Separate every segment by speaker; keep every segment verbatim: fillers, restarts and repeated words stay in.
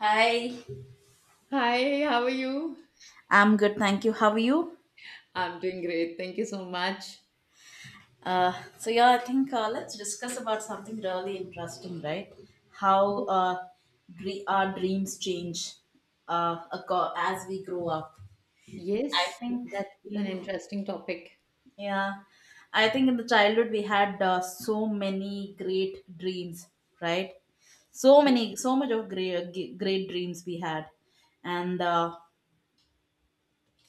Speaker 1: Hi.
Speaker 2: Hi, how are you?
Speaker 1: I'm good, thank you. How are you?
Speaker 2: I'm doing great. Thank you so much.
Speaker 1: Uh, so yeah, I think uh, let's discuss about something really interesting, right? How uh, dre- our dreams change uh, aco- as we grow up. I
Speaker 2: Yes,
Speaker 1: think,
Speaker 2: that's an
Speaker 1: in,
Speaker 2: interesting topic.
Speaker 1: yeah, I think in the childhood we had uh, so many great dreams, right? So many, so much of great, great dreams we had, and uh,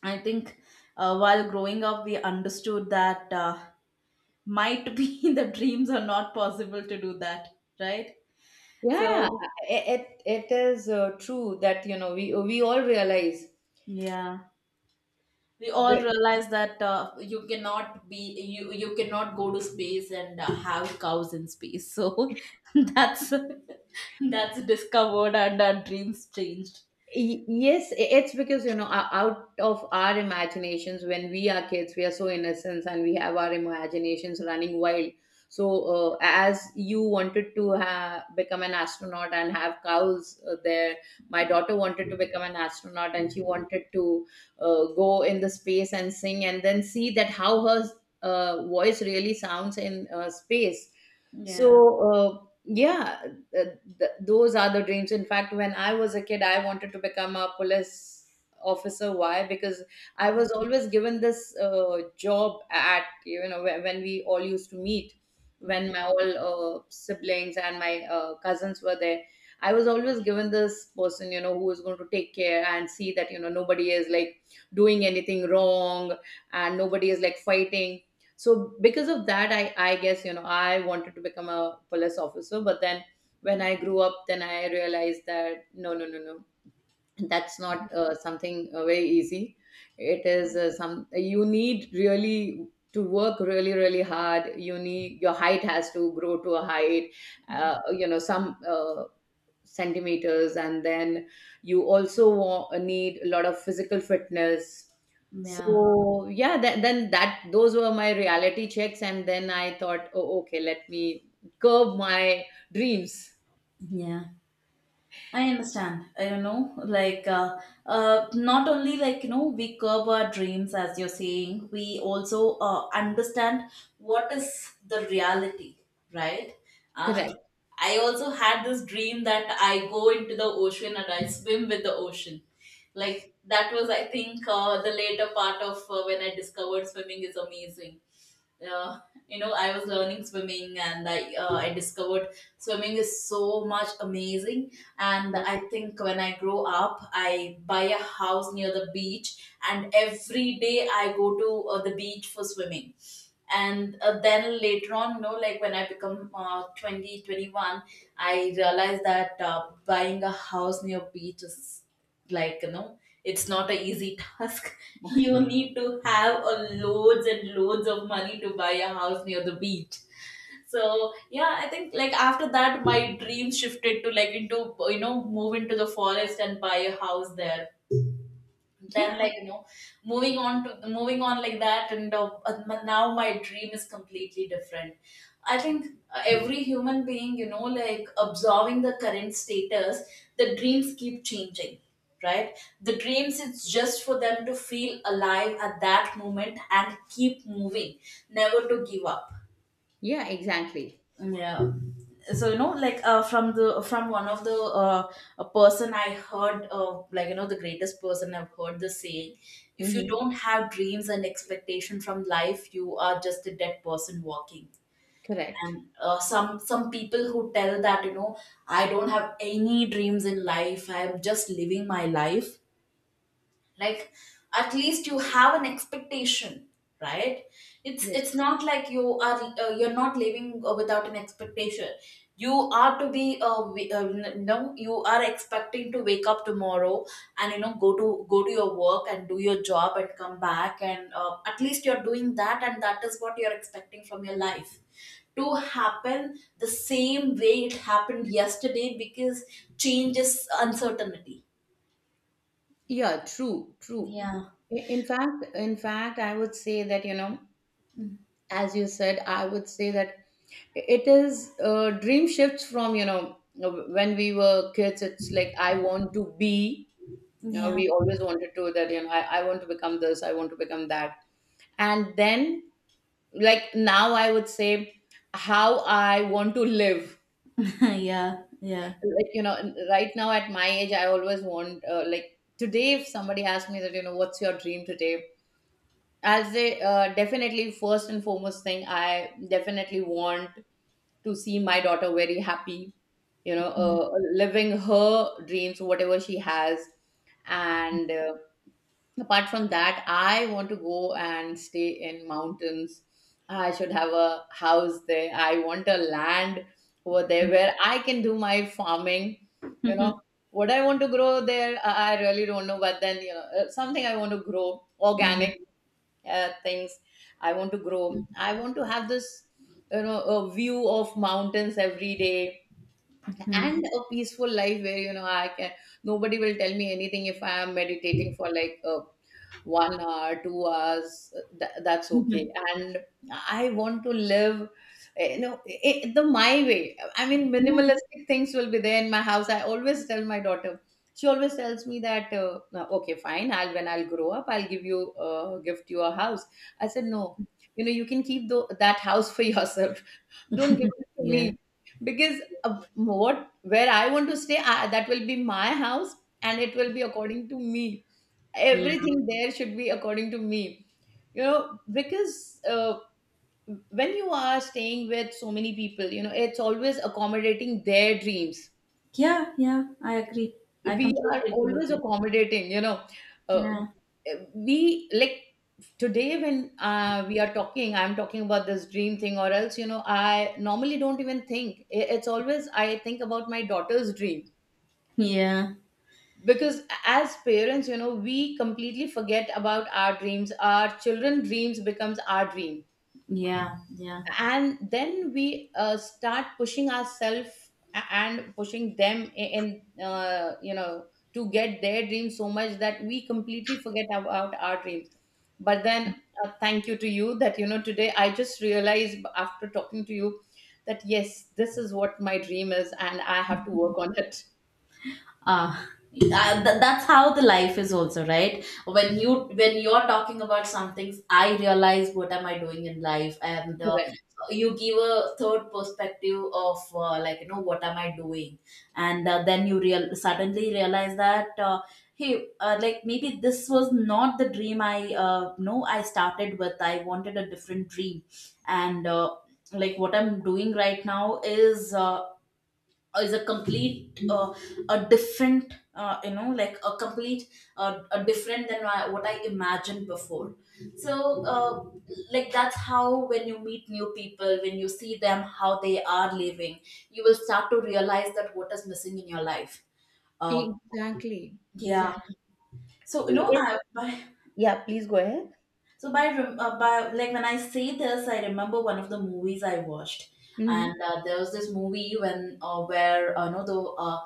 Speaker 1: I think uh, while growing up we understood that. Uh, might be the dreams are not possible to do that, right?
Speaker 2: Yeah,
Speaker 1: So
Speaker 2: it, it, it is uh, true that you know we we all realize.
Speaker 1: yeah, we all realize that uh, you cannot be you you cannot go to space and uh, have cows in space. So that's that's discovered, and our dreams changed.
Speaker 2: Y- yes i- it's because you know o- out of our imaginations when we are kids we are so innocent and we have our imaginations running wild. So, uh, as you wanted to ha- become an astronaut and have cows, uh, there, my daughter wanted to become an astronaut and she wanted to, uh, go in the space and sing and then see that how her, uh, voice really sounds in, uh, space.
Speaker 1: Yeah.
Speaker 2: So, uh, yeah, uh, th- those are the dreams. In fact, when I was a kid, I wanted to become a police officer. Why? Because I
Speaker 1: Mhm.
Speaker 2: was always given this, uh, job at, you know wh- when we all used to meet, when my
Speaker 1: Yeah,
Speaker 2: all, uh, siblings and my, uh, cousins were there, I was always given this person, you know who is going to take care and see that, you know nobody is like doing anything wrong and nobody is like fighting. So, because of that, i i guess, you know I wanted to become a police officer. But then, when I grew up, then I realized that, no, no, no, no, that's not, uh, something, uh, very easy. It is, uh, some, you need really to work really, really hard. You need, your height has to grow to a height, uh, you know some, uh, centimeters, and then you also wa- need a lot of physical fitness.
Speaker 1: yeah,
Speaker 2: So, yeah, that, then that those were my reality checks, and then I thought, oh, okay, let me curb my dreams.
Speaker 1: yeah. I understand. I don't know, like uh, uh, not only, like, you know, we curb our dreams as you're saying, we also uh, understand what is the reality, right? Uh,
Speaker 2: Correct.
Speaker 1: I also had this dream that I go into the ocean and I swim with the ocean. Like that was, I think, uh, the later part of uh, when I discovered swimming is amazing. uh, you know, I was learning swimming and i uh, i discovered swimming is so much amazing. And I think when I grow up I buy a house near the beach, and every day I go to uh, the beach for swimming. And uh, then later on, no, like when I become uh, twenty twenty one, I realized that uh, buying a house near beach is, like, you know, it's not an easy task. You need to have a loads and loads of money to buy a house near the beach. So yeah, I think like after that my dream shifted to, like, into, you know, move into the forest and buy a house there.
Speaker 2: Yeah,
Speaker 1: Then, like, you know, moving on to moving on like that. And uh, uh, now my dream is completely different, I think. Uh, every human being, you know, like absorbing the current status, the dreams keep changing, right? The dreams, it's just for them to feel alive at that moment and keep moving, never to give up.
Speaker 2: yeah, exactly.
Speaker 1: Yeah. So, you know, like uh, from the from one of the uh, a person I heard, uh, like, you know, the greatest person, I've heard the saying: if you
Speaker 2: Hmm.
Speaker 1: don't have dreams and expectation from life, you are just a dead person walking.
Speaker 2: Correct.
Speaker 1: And uh, some some people who tell that, you know, I don't have any dreams in life, I'm just living my life. Like, at least you have an expectation, right? it's
Speaker 2: Yes.
Speaker 1: it's not like you are, uh, you're not living uh, without an expectation. You are to be uh, wi- uh, n- no you are expecting to wake up tomorrow, and you know, go to go to your work and do your job and come back, and uh, at least you're doing that, and that is what you're expecting from your life to happen the same way it happened yesterday, because change is uncertainty.
Speaker 2: Yeah, true, true.
Speaker 1: Yeah.
Speaker 2: I- In fact, in fact, I would say that, you know, as you said, I would say that it is, uh, dream shifts from, you know, uh, when we were kids, it's like I want to be, you know,
Speaker 1: Yeah.
Speaker 2: we always wanted to that, you know, I, I want to become this, I want to become that. And then, like, now I would say how I want to live,
Speaker 1: Yeah, yeah.
Speaker 2: like, you know right now at my age, I always want, uh, like, today, if somebody asks me that, you know what's your dream today, I'll say, uh, definitely, first and foremost thing, I definitely want to see my daughter very happy, you know
Speaker 1: Mhm.
Speaker 2: uh, living her dreams, whatever she has, and, uh, apart from that, I want to go and stay in mountains. I should have a house there, I want a land over there where I can do my farming. You know
Speaker 1: Mhm.
Speaker 2: what I want to grow there, i I really don't know. But then, you know uh, something I want to grow
Speaker 1: Yeah.
Speaker 2: organic, uh, things I want to grow. I want to have this, you know a view of mountains every day,
Speaker 1: Mhm.
Speaker 2: and a peaceful life where, you know I can, nobody will tell me anything if I am meditating for like, uh, one hour, two hours, th- that's okay,
Speaker 1: Mhm.
Speaker 2: and I want to live. eh, you know I the My way, I mean,
Speaker 1: Mhm.
Speaker 2: minimalistic things will be there in my house. I always tell my daughter, she always tells me that, uh, "No, okay, fine, I'll when I'll grow up, I'll give you uh, gift you a house." I said, no, you know you can keep tho- that house for yourself. Don't give it to
Speaker 1: Yeah,
Speaker 2: me, because, uh, what where I want to stay, I, that will be my house, and it will be according to me.
Speaker 1: yeah,
Speaker 2: Everything there should be according to me, you know because, uh, when you are staying with so many people, you know it's always accommodating their dreams.
Speaker 1: yeah, yeah. I agree. I
Speaker 2: We are
Speaker 1: completely agree with
Speaker 2: always
Speaker 1: that.
Speaker 2: accommodating, you know uh,
Speaker 1: Yeah,
Speaker 2: we like today, when, uh, we are talking, I'm talking about this dream thing, or else, you know I normally don't even think, I- it's always I think about my daughter's dream.
Speaker 1: yeah,
Speaker 2: Because as parents, you know we completely forget about our dreams. Our children dreams becomes our dream,
Speaker 1: yeah, yeah.
Speaker 2: and then we, uh, start pushing ourselves and pushing them, i- in, uh, you know to get their dreams, so much that we completely forget about our dreams. But then, uh, thank you to you that, you know today I just realized after talking to you that yes, this is what my dream is, and I have to work on it.
Speaker 1: uh, uh, th- that's how the life is also, right? When you when you're talking about some things, I realize what am I doing in life. And uh,
Speaker 2: Right.
Speaker 1: you give a third perspective of, uh, like, you know, what am I doing. And uh, then you real suddenly realize that, uh, hey, uh, like, maybe this was not the dream i uh, know I started with. I wanted a different dream. And uh, like what I'm doing right now is uh, uh, is a complete, uh, a different, uh, you know, like a complete, uh, a different than wha- what I imagined before. So uh, like that's how when you meet new people, when you see them how they are living, you will start to realize that what is missing in your life. uh,
Speaker 2: Exactly.
Speaker 1: yeah. So, you know,
Speaker 2: Exactly.
Speaker 1: I...
Speaker 2: Yeah, please go ahead.
Speaker 1: So by rem- uh, by, like, when I say this, I remember one of the movies I watched. And
Speaker 2: Hmm.
Speaker 1: uh, there was this movie when uh, where uh, no, the uh,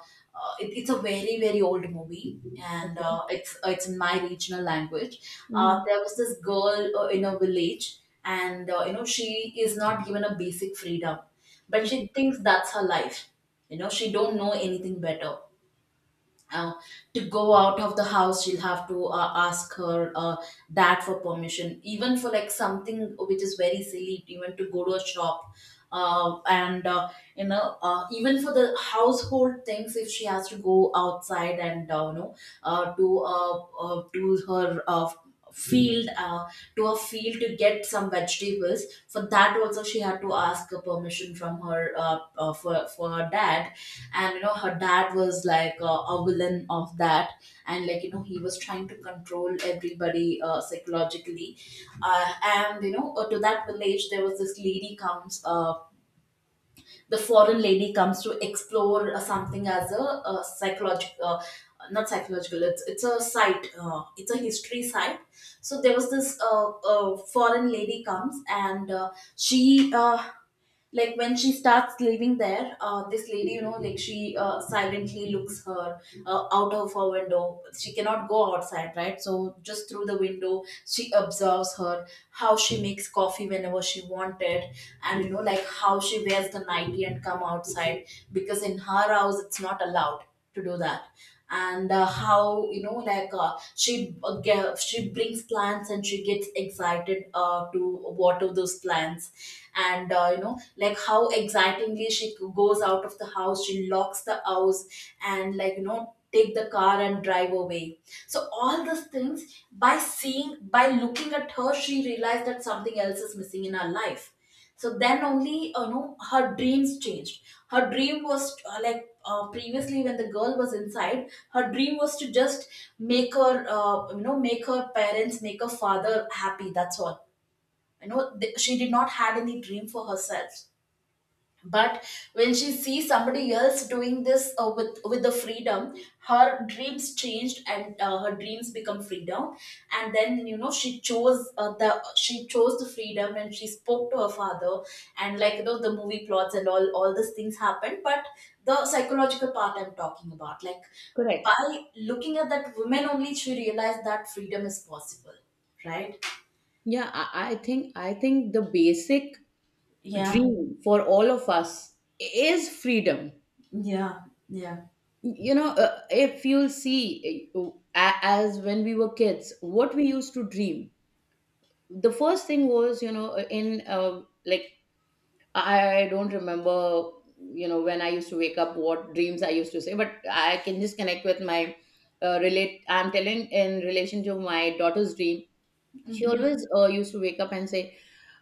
Speaker 1: uh, it, it's a very, very old movie, and
Speaker 2: Okay.
Speaker 1: uh, it's uh, it's in my regional language. Uh,
Speaker 2: Hmm.
Speaker 1: there was this girl uh, in a village, and uh, you know, she is not given a basic freedom, but she
Speaker 2: Okay.
Speaker 1: thinks that's her life. You know, she don't know anything better. uh, to go out of the house, she'll have to uh, ask her uh, dad for permission, even for, like, something which is very silly, even to go to a shop, uh, and uh, you know, uh, even for the household things, if she has to go outside, and uh, you know, uh, to uh, uh, to her uh, field uh, to a field to get some vegetables, for that also she had to ask a permission from her uh, uh, for, for her dad. And you know, her dad was like uh, a villain of that, and, like, you know, he was trying to control everybody, uh, psychologically. Uh, and you know, uh, to that village there was this lady comes, uh, the foreign lady comes to explore uh, something as a, uh psychological, uh, not psychological, it's it's a site, uh, it's a history site. So there was this uh, uh, foreign lady comes, and uh, she uh, like when she starts living there, uh, this lady, you know, like she uh, silently looks her, uh, out of her window. She cannot go outside, right? So just through the window she observes her how she makes coffee whenever she wanted, and you know, like how she wears the nightie and come outside, because in her house it's not allowed to do that. And uh, how, you know, like uh, she uh, ge- she brings plants and she gets excited uh, to water those plants, and uh, you know, like how excitingly she goes out of the house, she locks the house, and, like, you know, take the car and drive away. So all those things, by seeing, by looking at her, she realized that something else is missing in her life. So then only, uh, you know, her dreams changed. Her dream was, uh, like, uh, previously when the girl was inside, her dream was to just make her uh, you know make her parents make her father happy, that's all. You know, th- she did not had any dream for herself. But when she sees somebody else doing this uh, with with the freedom, her dreams changed, and uh, her dreams become freedom. And then, you know, she chose uh, the she chose the freedom and she spoke to her father. And, like, you know, the movie plots and all, all these things happened. But the psychological part I'm talking about, like,
Speaker 2: Correct.
Speaker 1: by looking at that woman only, she realized that freedom is possible, right?
Speaker 2: Yeah, I, I think I think the basic
Speaker 1: Yeah.
Speaker 2: dream for all of us is freedom.
Speaker 1: Yeah. Yeah.
Speaker 2: You know, uh, if you'll see, uh, a- as when we were kids, what we used to dream. The first thing was, you know, in uh, like I don't remember, you know, when I used to wake up, what dreams I used to say, but I can just connect with my, uh, relate. I'm telling in relation to my daughter's dream. She
Speaker 1: Mhm.
Speaker 2: always, uh, used to wake up and say,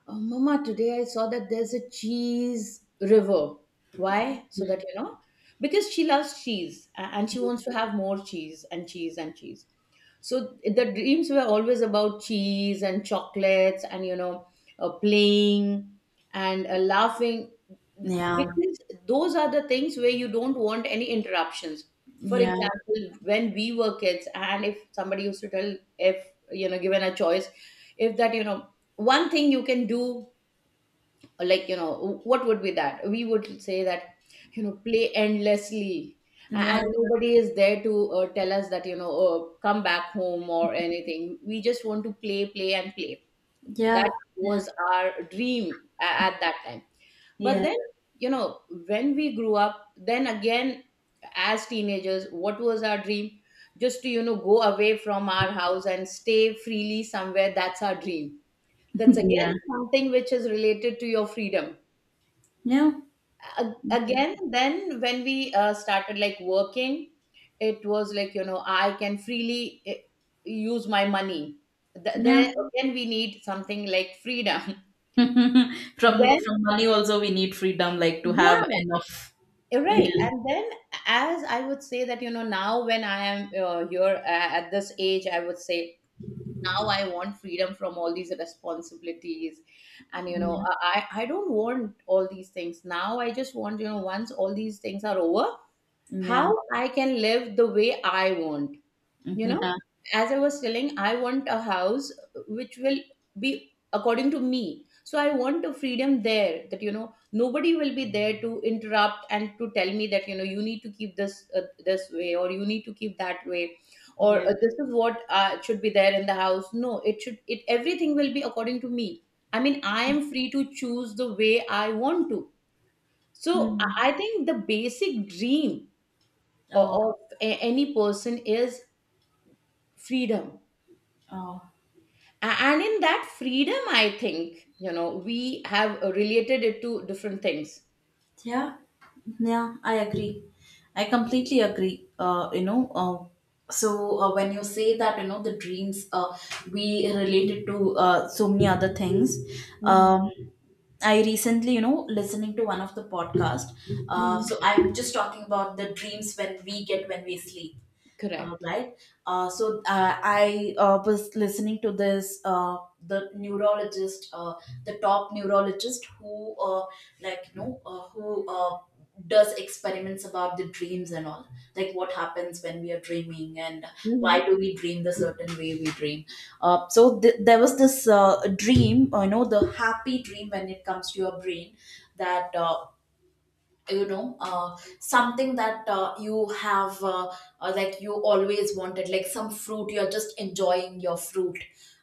Speaker 2: Oh, Mama, today I saw that there's a cheese river. Why? So that, you know, because she loves cheese a- and she wants to have more cheese and cheese and cheese. So the dreams were always about cheese and chocolates and, you know, uh, playing and, uh, laughing,
Speaker 1: Yeah,
Speaker 2: because those are the things where you don't want any interruptions. For
Speaker 1: yeah,
Speaker 2: example, when we were kids, and if somebody used to tell, if, you know, given a choice, if that, you know one thing you can do, like, you know what would be that, we would say that, you know play endlessly, a-
Speaker 1: yeah,
Speaker 2: and nobody is there to, uh, tell us that, you know uh, come back home or anything. We just want to play, play, and play. That
Speaker 1: yeah, yeah,
Speaker 2: was our dream a- at that time. But
Speaker 1: yeah,
Speaker 2: then, you know when we grew up, then again as teenagers, what was our dream? Just to, you know go away from our house and stay freely somewhere, that's our dream. That's
Speaker 1: yeah,
Speaker 2: again something which is related to your freedom.
Speaker 1: yeah,
Speaker 2: A-
Speaker 1: okay,
Speaker 2: Again, then when we, uh, started like working, it was like, you know, I can freely, eh, use my money. Th-
Speaker 1: yeah.
Speaker 2: There again, we need something like freedom.
Speaker 1: From
Speaker 2: Then,
Speaker 1: from money also we need freedom, like to have
Speaker 2: yeah,
Speaker 1: enough.
Speaker 2: you're right.
Speaker 1: Yeah,
Speaker 2: And then, as I would say that, you know now when I am, uh, here, uh, at this age, I would say, now I want freedom from all these responsibilities. And, you
Speaker 1: yeah,
Speaker 2: know i i don't want all these things now, I just want, you know once all these things are over, how
Speaker 1: yeah,
Speaker 2: I can live the way I want, you
Speaker 1: mhm,
Speaker 2: know
Speaker 1: yeah,
Speaker 2: as I was telling, I want a house which will be according to me. So I want a freedom there, that, you know nobody will be there to interrupt and to tell me that, you know you need to keep this uh, this way, or you need to keep that way,
Speaker 1: yeah.
Speaker 2: or, uh, this is what, uh, should be there in the house. No, it should it everything will be according to me. I mean, I am free to choose the way I want to. So i
Speaker 1: Hmm.
Speaker 2: I think the basic dream
Speaker 1: Oh,
Speaker 2: o- of a- any person is freedom.
Speaker 1: oh,
Speaker 2: A- and in that freedom, I think, you know we have related it to different things.
Speaker 1: yeah, yeah. I agree. I completely agree. Uh, you know, uh, so, uh, when you say that, you know, the dreams, uh, we relate it to uh, so many other things.
Speaker 2: Mhm.
Speaker 1: Um, I recently, you know, listening to one of the podcast. Uh,
Speaker 2: Mhm.
Speaker 1: so I am just talking about the dreams when we get when we sleep, uh,
Speaker 2: Correct.
Speaker 1: right? Uh, so uh, I uh, was listening to this, uh, the neurologist, uh, the top neurologist who, uh, like, you know, uh, who uh, does experiments about the dreams and all, like what happens when we are dreaming and why do
Speaker 2: Mhm.
Speaker 1: we dream the certain way we dream. Uh, so th- there was this uh, dream, you know, the happy dream when it comes to your brain, that. Uh, you know, uh, something that, uh, you have, uh, uh, like you always wanted, like some fruit, you're just enjoying your fruit.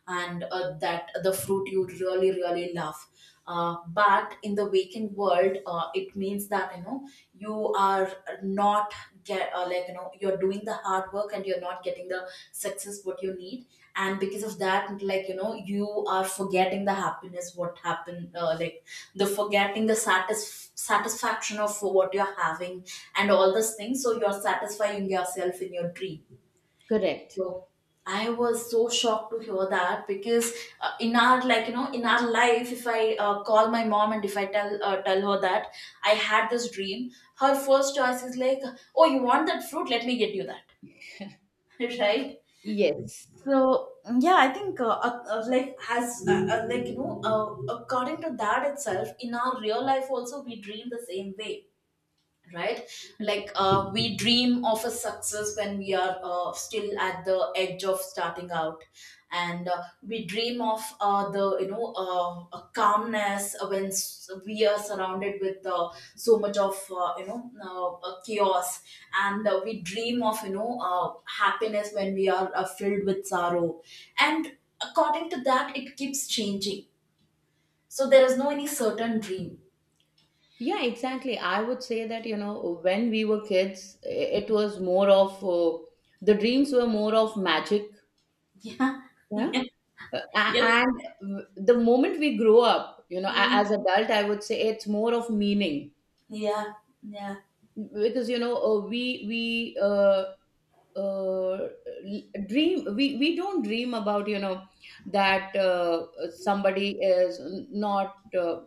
Speaker 1: And uh, that, the fruit you really, really love. Uh, but in the waking world, uh, it means that, you know, you are not get uh, like, you know, you're doing the hard work and you're not getting the success what you need. And because of that, like, you know, you are forgetting the happiness what happened, uh, like the forgetting the satisf- satisfaction of what you're having, and all those things, so you're satisfying yourself in your dream.
Speaker 2: Correct.
Speaker 1: So I was so shocked to hear that, because uh, in our, like, you know, in our life, if I uh, call my mom and if I tell uh, tell her that I had this dream, her first choice is like, "Oh, you want that fruit? Let me get you that." Right?
Speaker 2: Yes.
Speaker 1: So yeah, I think uh, uh, uh, like as uh, uh, like you know uh, according to that itself, in our real life also we dream the same way, right? Like, uh, we dream of a success when we are uh, still at the edge of starting out, and uh, we dream of uh, the you know uh, a calmness when s- we are surrounded with uh, so much of uh, you know uh, uh, chaos, and uh, we dream of you know uh, happiness when we are uh, filled with sorrow, and according to that it keeps changing. So there is no any certain dream.
Speaker 2: Yeah, exactly. I would say that, you know, when we were kids, i- it was more of uh, the dreams were more of magic.
Speaker 1: Yeah.
Speaker 2: Yeah.
Speaker 1: Yeah.
Speaker 2: Uh, a-
Speaker 1: Yes.
Speaker 2: And w- the moment we grow up, you know,
Speaker 1: Yeah.
Speaker 2: a- as adult, I would say it's more of meaning
Speaker 1: Yeah, yeah.
Speaker 2: because, you know, uh, we we uh, uh, dream we, we don't dream about, you know, that uh, somebody is not uh,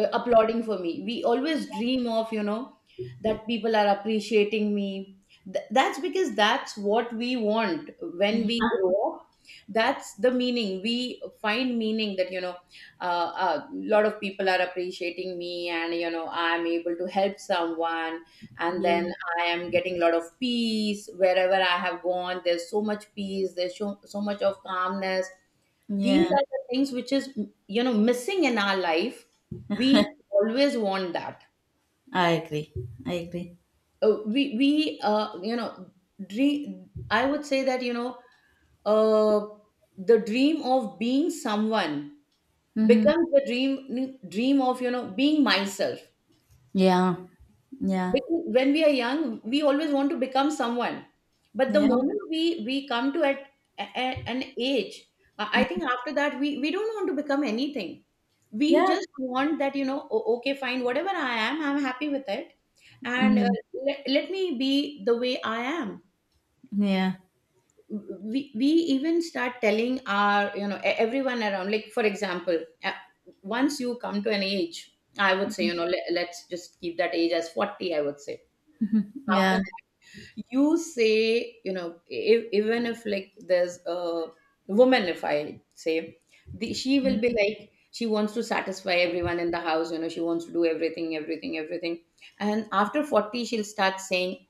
Speaker 2: uh, applauding for me. We always dream, of you know, that people are appreciating me. Th- that's because that's what we want when we
Speaker 1: Yeah,
Speaker 2: grow up. That's the meaning. We find meaning that, you know, uh, a lot of people are appreciating me, and you know, I'm able to help someone. And then
Speaker 1: yeah,
Speaker 2: I am getting a lot of peace. Wherever I have gone, there's so much peace, there's so, so much of calmness. These
Speaker 1: yeah.
Speaker 2: are the things which is, you know, missing in our life. We always want that.
Speaker 1: I agree. I agree.
Speaker 2: Uh, we we uh, You know, dream, I would say that, you know, uh, the dream of being someone
Speaker 1: Mm-hmm.
Speaker 2: becomes the dream dream of, you know, being myself.
Speaker 1: Yeah, yeah,
Speaker 2: Because when we are young, we always want to become someone, but the
Speaker 1: yeah.
Speaker 2: moment we we come to at a- a- an age, i I think
Speaker 1: Mhm.
Speaker 2: after that we we don't want to become anything. We
Speaker 1: Yeah.
Speaker 2: just want that, you know, o- okay fine, whatever I am, I'm happy with it. And uh,
Speaker 1: Mm.
Speaker 2: let, let me be the way I am.
Speaker 1: Yeah,
Speaker 2: We, we even start telling our, you know, e- everyone around, like for example, uh, once you come to an age, I would say, you know, let, let's just keep that age as forty, I would say. After
Speaker 1: yeah.
Speaker 2: that you say, you know, e- e-, even if like there's a woman, if I say the, she will be like she wants to satisfy everyone in the house, you know, she wants to do everything everything everything. And after forty she'll start saying,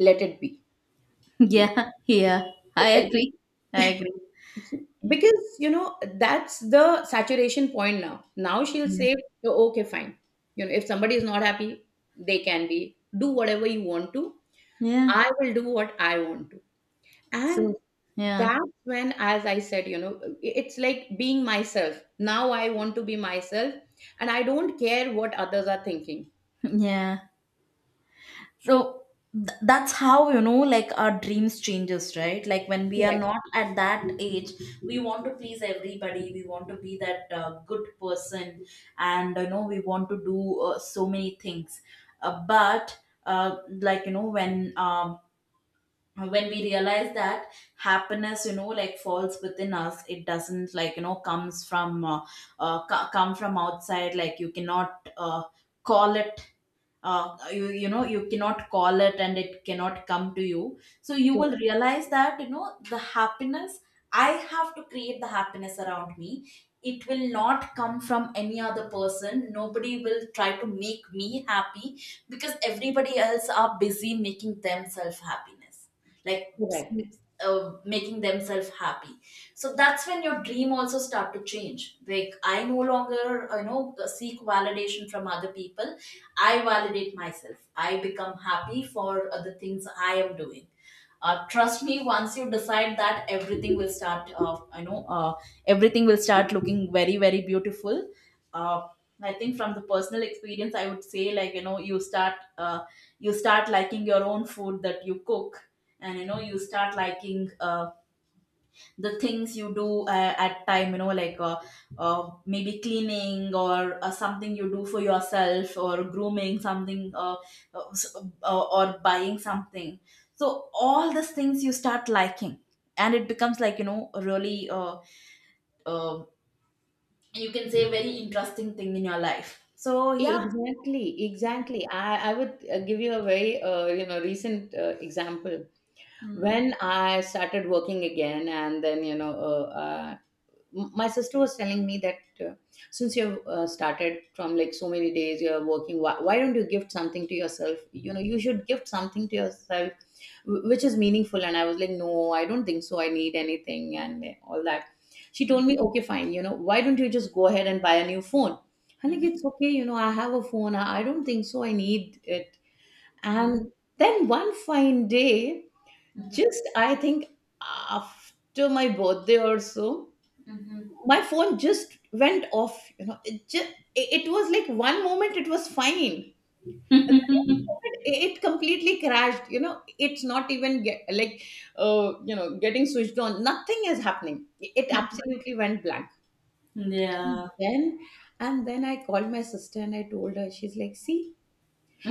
Speaker 2: let it be, you know.
Speaker 1: Yeah, yeah. I agree. I agree.
Speaker 2: Because, you know, that's the saturation point. Now now she'll
Speaker 1: Yeah.
Speaker 2: say, "Oh, okay fine, you know, if somebody is not happy, they can be, do whatever you want to,
Speaker 1: Yeah.
Speaker 2: I will do what I want to." And
Speaker 1: So, yeah,
Speaker 2: that's when, as I said, you know, it's like being myself. Now I want to be myself, and I don't care what others are thinking.
Speaker 1: yeah. So th- that's how, you know like, our dreams changes, right? Like, when we are
Speaker 2: Correct,
Speaker 1: not at that age, we want to please everybody, we want to be that uh, good person, and you know we want to do uh, so many things, uh, but uh, like, you know when um when we realize that happiness, you know like, falls within us, it doesn't, like, you know comes from uh, uh, co- come from outside. Like, you cannot uh, call it. Uh, you, you know you cannot call it, and it cannot come to you, so you will
Speaker 2: correct,
Speaker 1: realize that, you know the happiness, I have to create the happiness around me. It will not come from any other person. Nobody will try to make me happy, because everybody else are busy making themselves happiness, like,
Speaker 2: correct.
Speaker 1: uh, making themselves happy. So that's when your dream also start to change. Like, I no longer, you know seek validation from other people. I validate myself. I become happy for uh, the things I am doing. Uh, trust me, once you decide that, everything will start. Uh, I know, uh, everything will start looking very, very beautiful. Uh, I think from the personal experience, I would say, like, you know you start uh, you start liking your own food that you cook, and, you know you start liking. Uh, the things you do uh, at time, you know like, uh, uh, maybe cleaning, or uh, something you do for yourself, or grooming something, uh, uh, s- uh, or buying something. So all these things you start liking, and it becomes, like, you know a really, uh, uh, you can say, very interesting thing in your life. So
Speaker 2: E-
Speaker 1: yeah.
Speaker 2: Exactly, exactly. I, I would uh, give you a very, uh, you know, recent uh, example. When I started working again, and then, you know, uh, uh, m- my sister was telling me that uh, since you've uh, started from like so many days, you're working. Why, why don't you gift something to yourself? You know, you should gift something to yourself wh- which is meaningful. And I was like, no, I don't think so I need anything and eh, all that. She told me, okay, fine. You know, why don't you just go ahead and buy a new phone? I'm like,
Speaker 1: Mm,
Speaker 2: it's okay. You know, I have a phone. I I don't think so I need it.
Speaker 1: mm, mhm,
Speaker 2: And then one fine day, just, I think, after my birthday or so, my phone just went off. You know, it just, it it was like one moment it was fine,
Speaker 1: mm,
Speaker 2: and
Speaker 1: mhm,
Speaker 2: that
Speaker 1: mhm.
Speaker 2: moment it it completely crashed. You know, it's not even get, like, uh, you know, getting switched on. Nothing is happening. It absolutely went blank.
Speaker 1: Yeah.
Speaker 2: Then, and then I called my sister and I told her. She's like, "See,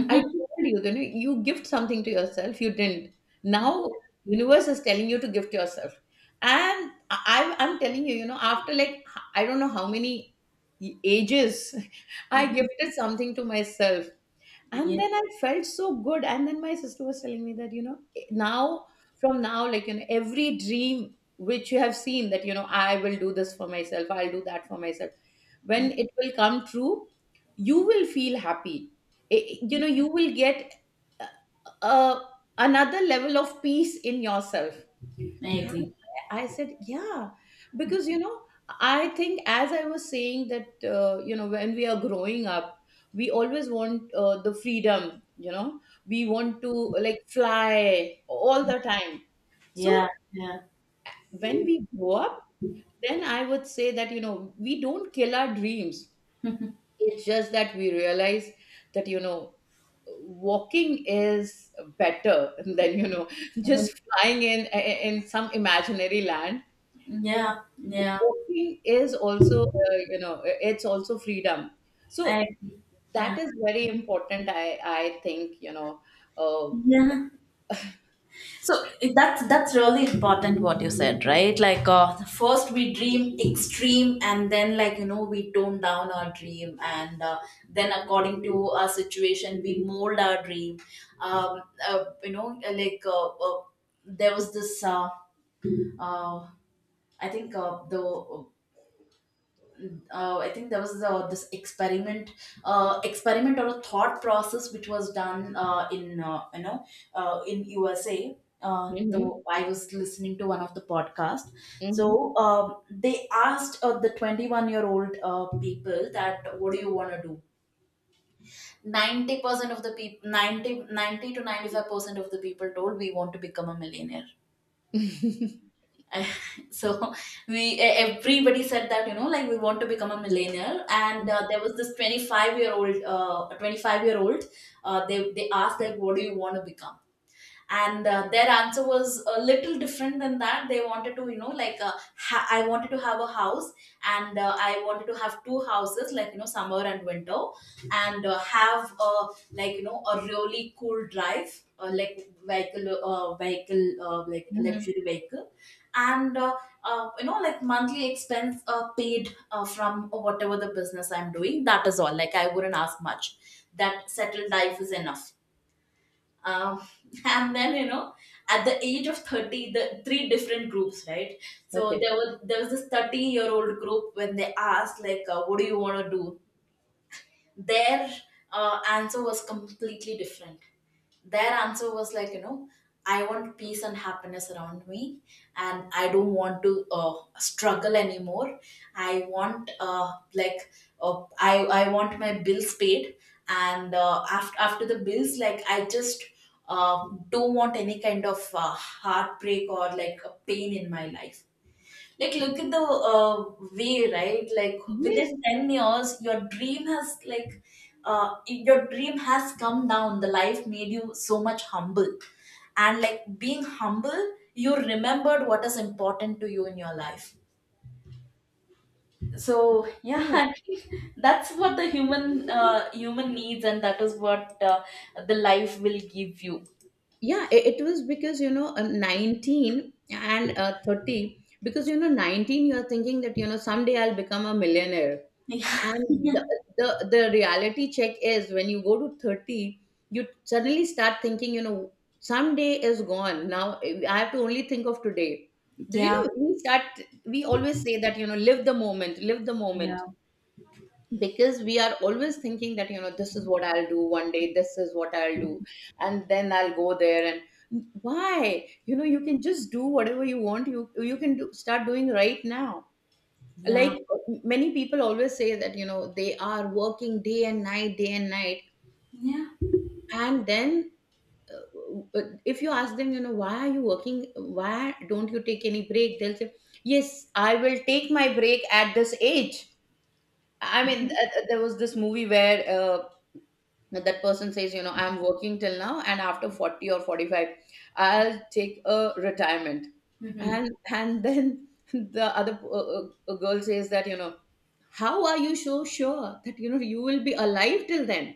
Speaker 2: I told you, you know, you gift something to yourself, you didn't. Now, universe is telling you to gift yourself." And I, I'm telling you, you know, after like, I don't know how many ages, I
Speaker 1: Mhm.
Speaker 2: gifted something to myself. And
Speaker 1: Yeah.
Speaker 2: then I felt so good, and then my sister was telling me that, you know, eh, now, from now, like, you know, every dream which you have seen, that, you know, I will do this for myself, I'll do that for myself, when it will come true, you will feel happy. I- you know, you will get uh, uh, another level of peace in yourself.
Speaker 1: I
Speaker 2: And
Speaker 1: agree.
Speaker 2: I said, yeah, because you know, I think as I was saying that, uh, you know, when we are growing up, we always want uh, the freedom, you know, we want to like fly all the time.
Speaker 1: Yeah.
Speaker 2: So
Speaker 1: Yeah.
Speaker 2: when we grow up, then I would say that, you know, we don't kill our dreams. It's just that we realize that, you know, walking is better than, you know,
Speaker 1: Mhm.
Speaker 2: just flying in in some imaginary land.
Speaker 1: Yeah,
Speaker 2: W-
Speaker 1: yeah,
Speaker 2: walking is also uh, you know, i- it's also freedom.
Speaker 1: I
Speaker 2: So
Speaker 1: agree.
Speaker 2: that
Speaker 1: Yeah,
Speaker 2: is very important. i I think, you know, uh,
Speaker 1: yeah. So it- that's that's really important what you said, right? Like, uh, first we dream extreme, and then, like, you know we tone down our dream, and uh, then according to our situation we mold our dream. Um, uh, you know, like, uh, uh, there was this. Uh, uh, I think, uh, the uh, I think there was uh, this experiment, uh, experiment or a thought process which was done uh, in uh, you know uh, in U S A. Uh, though
Speaker 2: hmm,
Speaker 1: I was listening to one of the podcast,
Speaker 2: hmm.
Speaker 1: so um, they asked uh, the twenty-one year old uh, people that what do you want to do. Ninety percent of the people, ninety, ninety to ninety-five percent of the people told we want to become a millionaire. So we e- everybody said that, you know like, we want to become a millionaire. And uh, there was this twenty-five year old, uh, twenty-five year old, uh, they they asked like, what do you want to become? And uh, their answer was a little different than that. They wanted to, you know like, uh, ha- I wanted to have a house, and uh, I wanted to have two houses, like, you know summer and winter, and uh, have a like, you know a really cool drive, uh, like, vehicle, uh, vehicle, uh, like,
Speaker 2: Mhm.
Speaker 1: luxury vehicle, and uh, uh, you know like, monthly expense, uh, paid, uh, from whatever the business I'm doing. That is all, like, I wouldn't ask much. That settled life is enough. um, and then, you know at the age of thirty, the three different groups, right? So
Speaker 2: Okay.
Speaker 1: there was there was this thirty year old group. When they asked, like, uh, what do you want to do, their uh, answer was completely different. Their answer was like, you know I want peace and happiness around me, and I don't want to uh, struggle anymore. I want, uh, like, uh, i i want my bills paid. And uh, after after the bills, like, I just uh, don't want any kind of uh, heartbreak or like a pain in my life. Like, look at the uh, way, right? Like, within
Speaker 2: Yes,
Speaker 1: ten years, your dream has, like, uh, your dream has come down. The life made you so much humble. And, like, being humble, you remembered what is important to you in your life. So, yeah,
Speaker 2: true.
Speaker 1: I think that's what the human uh, human needs, and that is what uh, the life will give you.
Speaker 2: Yeah, i- it was because, you know, uh, nineteen and uh, thirty, because, you know, nineteen, you're thinking that, you know, someday I'll become a millionaire.
Speaker 1: Yeah.
Speaker 2: And the, the the reality check is when you go to thirty, you suddenly start thinking, you know, someday is gone. Now I have to only think of today. Do You
Speaker 1: Yeah.
Speaker 2: know, we start, we always say that, you know, live the moment, live the moment.
Speaker 1: Yeah.
Speaker 2: Because we are always thinking that, you know, this is what I'll do one day, this is what I'll do, and then I'll go there and why? You know, you can just do whatever you want. You you can do, start doing right now,
Speaker 1: Yeah.
Speaker 2: like many people always say that, you know, they are working day and night, day and night.
Speaker 1: Yeah.
Speaker 2: And then uh, uh, if you ask them, you know, why are you working, why don't you take any break, they'll say, yes, I will take my break at this age. I mean, uh, uh, there was this movie where uh, now that person says, you know, I'm working till now, and after forty or forty-five I'll take a retirement.
Speaker 1: Mhm.
Speaker 2: and and then the other uh, uh, girl says that, you know, how are you so sure that, you know, you will be alive till then?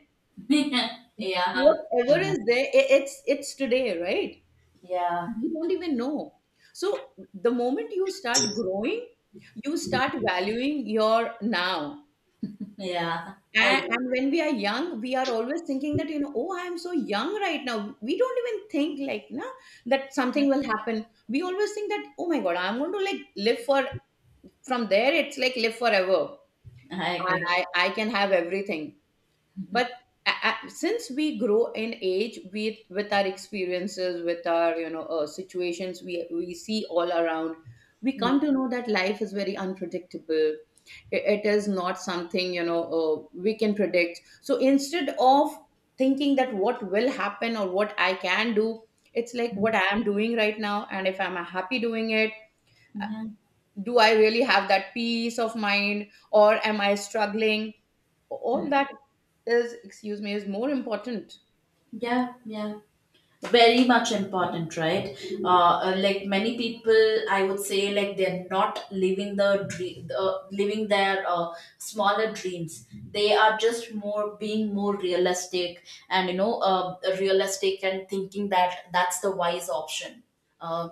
Speaker 1: Yeah. Yeah.
Speaker 2: Whatever is there, i- it's it's today, right?
Speaker 1: Yeah,
Speaker 2: We don't even know. So the moment you start growing, you start valuing your now.
Speaker 1: yeah, I
Speaker 2: And,
Speaker 1: agree.
Speaker 2: and when we are young, we are always thinking that, you know, oh, I am so young right now. We don't even think like, you, that
Speaker 1: Yeah,
Speaker 2: something will happen. We always think that, oh my God, I'm going to like live for, from there, it's like live forever.
Speaker 1: I
Speaker 2: And
Speaker 1: agree.
Speaker 2: I, I can have everything. But a- a- since we grow in age, with with our experiences, with our, you know, uh, situations, we we see all around, we come
Speaker 1: Mm.
Speaker 2: to know that life is very unpredictable. I- it is not something, you know, uh, we can predict. So instead of thinking that what will happen or what I can do, it's like what I am doing right now, and if I'm happy doing it,
Speaker 1: Yeah,
Speaker 2: do I really have that peace of mind or am I struggling, all that is, excuse me, is more important.
Speaker 1: yeah, yeah. Very much important, right? Uh, uh, like many people, I would say, like, they're not living the dream, uh, living their uh, smaller dreams. They are just, more, being more realistic, and, you know, uh, realistic and thinking that that's the wise option. Uh,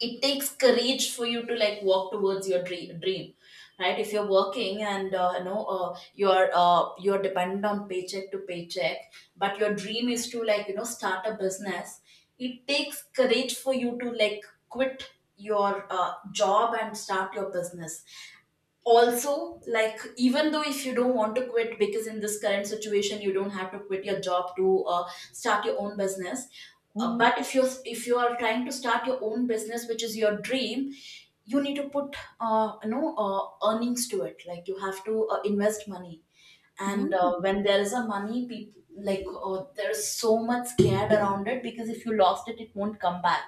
Speaker 1: it takes courage for you to, like, walk towards your dream, dream Right? If you're working and, uh, you know uh, you're uh, you're dependent on paycheck to paycheck, but your dream is to, like, you know start a business, it takes courage for you to, like, quit your uh, job and start your business. Also, like, even though if you don't want to quit, because in this current situation you don't have to quit your job to uh, start your own business. Uh,
Speaker 2: Mhm.
Speaker 1: but if you if you are trying to start your own business which is your dream, you need to put, uh, you know uh, earnings to it. Like, you have to uh, invest money.
Speaker 2: Yeah,
Speaker 1: And uh, when there is a money, people, like, uh, there's so much scared around it, because if you lost it it won't come back,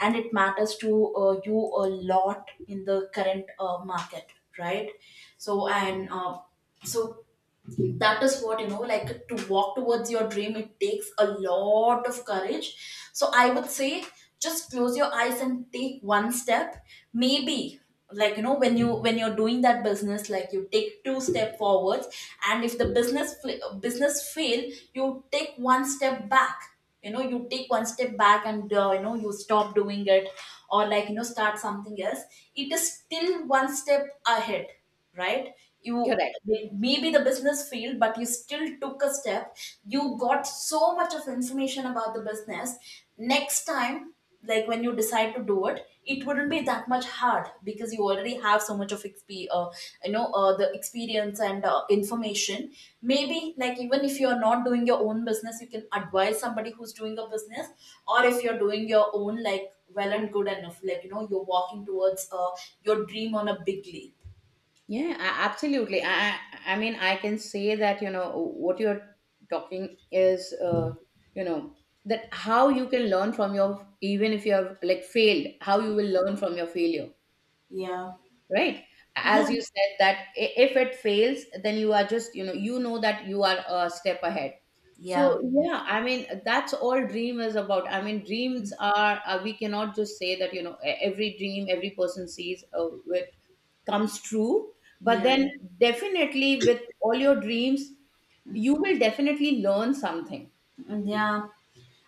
Speaker 1: and it matters to, uh, you a lot in the current uh, market, right? So and uh, so, that is what, you know like, to walk towards your dream it takes a lot of courage. So I would say, just close your eyes and take one step. Maybe, like, you know when you when you're doing that business, like, you take two step forwards, and if the business fl- business fail, you take one step back. You know you take one step back, and uh, you know you stop doing it, or, like, you know start something else. It is still one step ahead, right? You—
Speaker 2: correct.
Speaker 1: maybe the business field, but you still took a step. You got so much of information about the business. Next time, like, when you decide to do it it wouldn't be that much hard because you already have so much of exp uh, you know uh, the experience and uh, information. Maybe, like, even if you're not doing your own business, you can advise somebody who's doing a business, or if you're doing your own, like, well and good enough, like, you know you're walking towards uh, your dream on a big leap.
Speaker 2: Yeah, a- absolutely. I i I mean, I can say that, you know, what you're talking is, uh, you know, that how you can learn from your, even if you have like failed, how you will learn from your failure,
Speaker 1: Yeah.
Speaker 2: right? As you
Speaker 1: Yeah.
Speaker 2: said that, i- if it fails, then you are just, you know, you know that you are a step ahead. So
Speaker 1: Yeah.
Speaker 2: yeah, I mean, that's all dream is about. I mean, dreams are, uh, we cannot just say that, you know, e- every dream every person sees uh, it comes true. But
Speaker 1: Yeah.
Speaker 2: then, definitely, with all your dreams, you will definitely learn something,
Speaker 1: Yeah.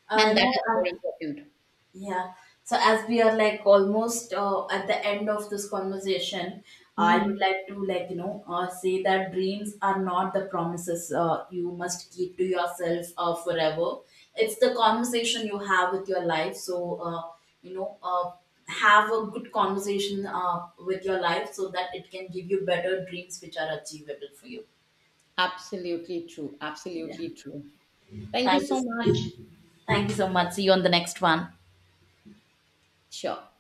Speaker 1: Uh,
Speaker 2: and that
Speaker 1: no,
Speaker 2: is
Speaker 1: uh,
Speaker 2: more important.
Speaker 1: yeah. So as we are, like, almost uh, at the end of this conversation, I would
Speaker 2: Mhm.
Speaker 1: like to, like, you know uh, say that dreams are not the promises uh, you must keep to yourself uh, forever. It's the conversation you have with your life. So uh, you know uh, have a good conversation uh, with your life, so that it can give you better dreams which are achievable for you.
Speaker 2: Absolutely true,
Speaker 1: Yeah.
Speaker 2: absolutely true. Thank you
Speaker 1: Thank you.
Speaker 2: so
Speaker 1: so
Speaker 2: much.
Speaker 1: Thank you so much. See you on the next one.
Speaker 2: Sure.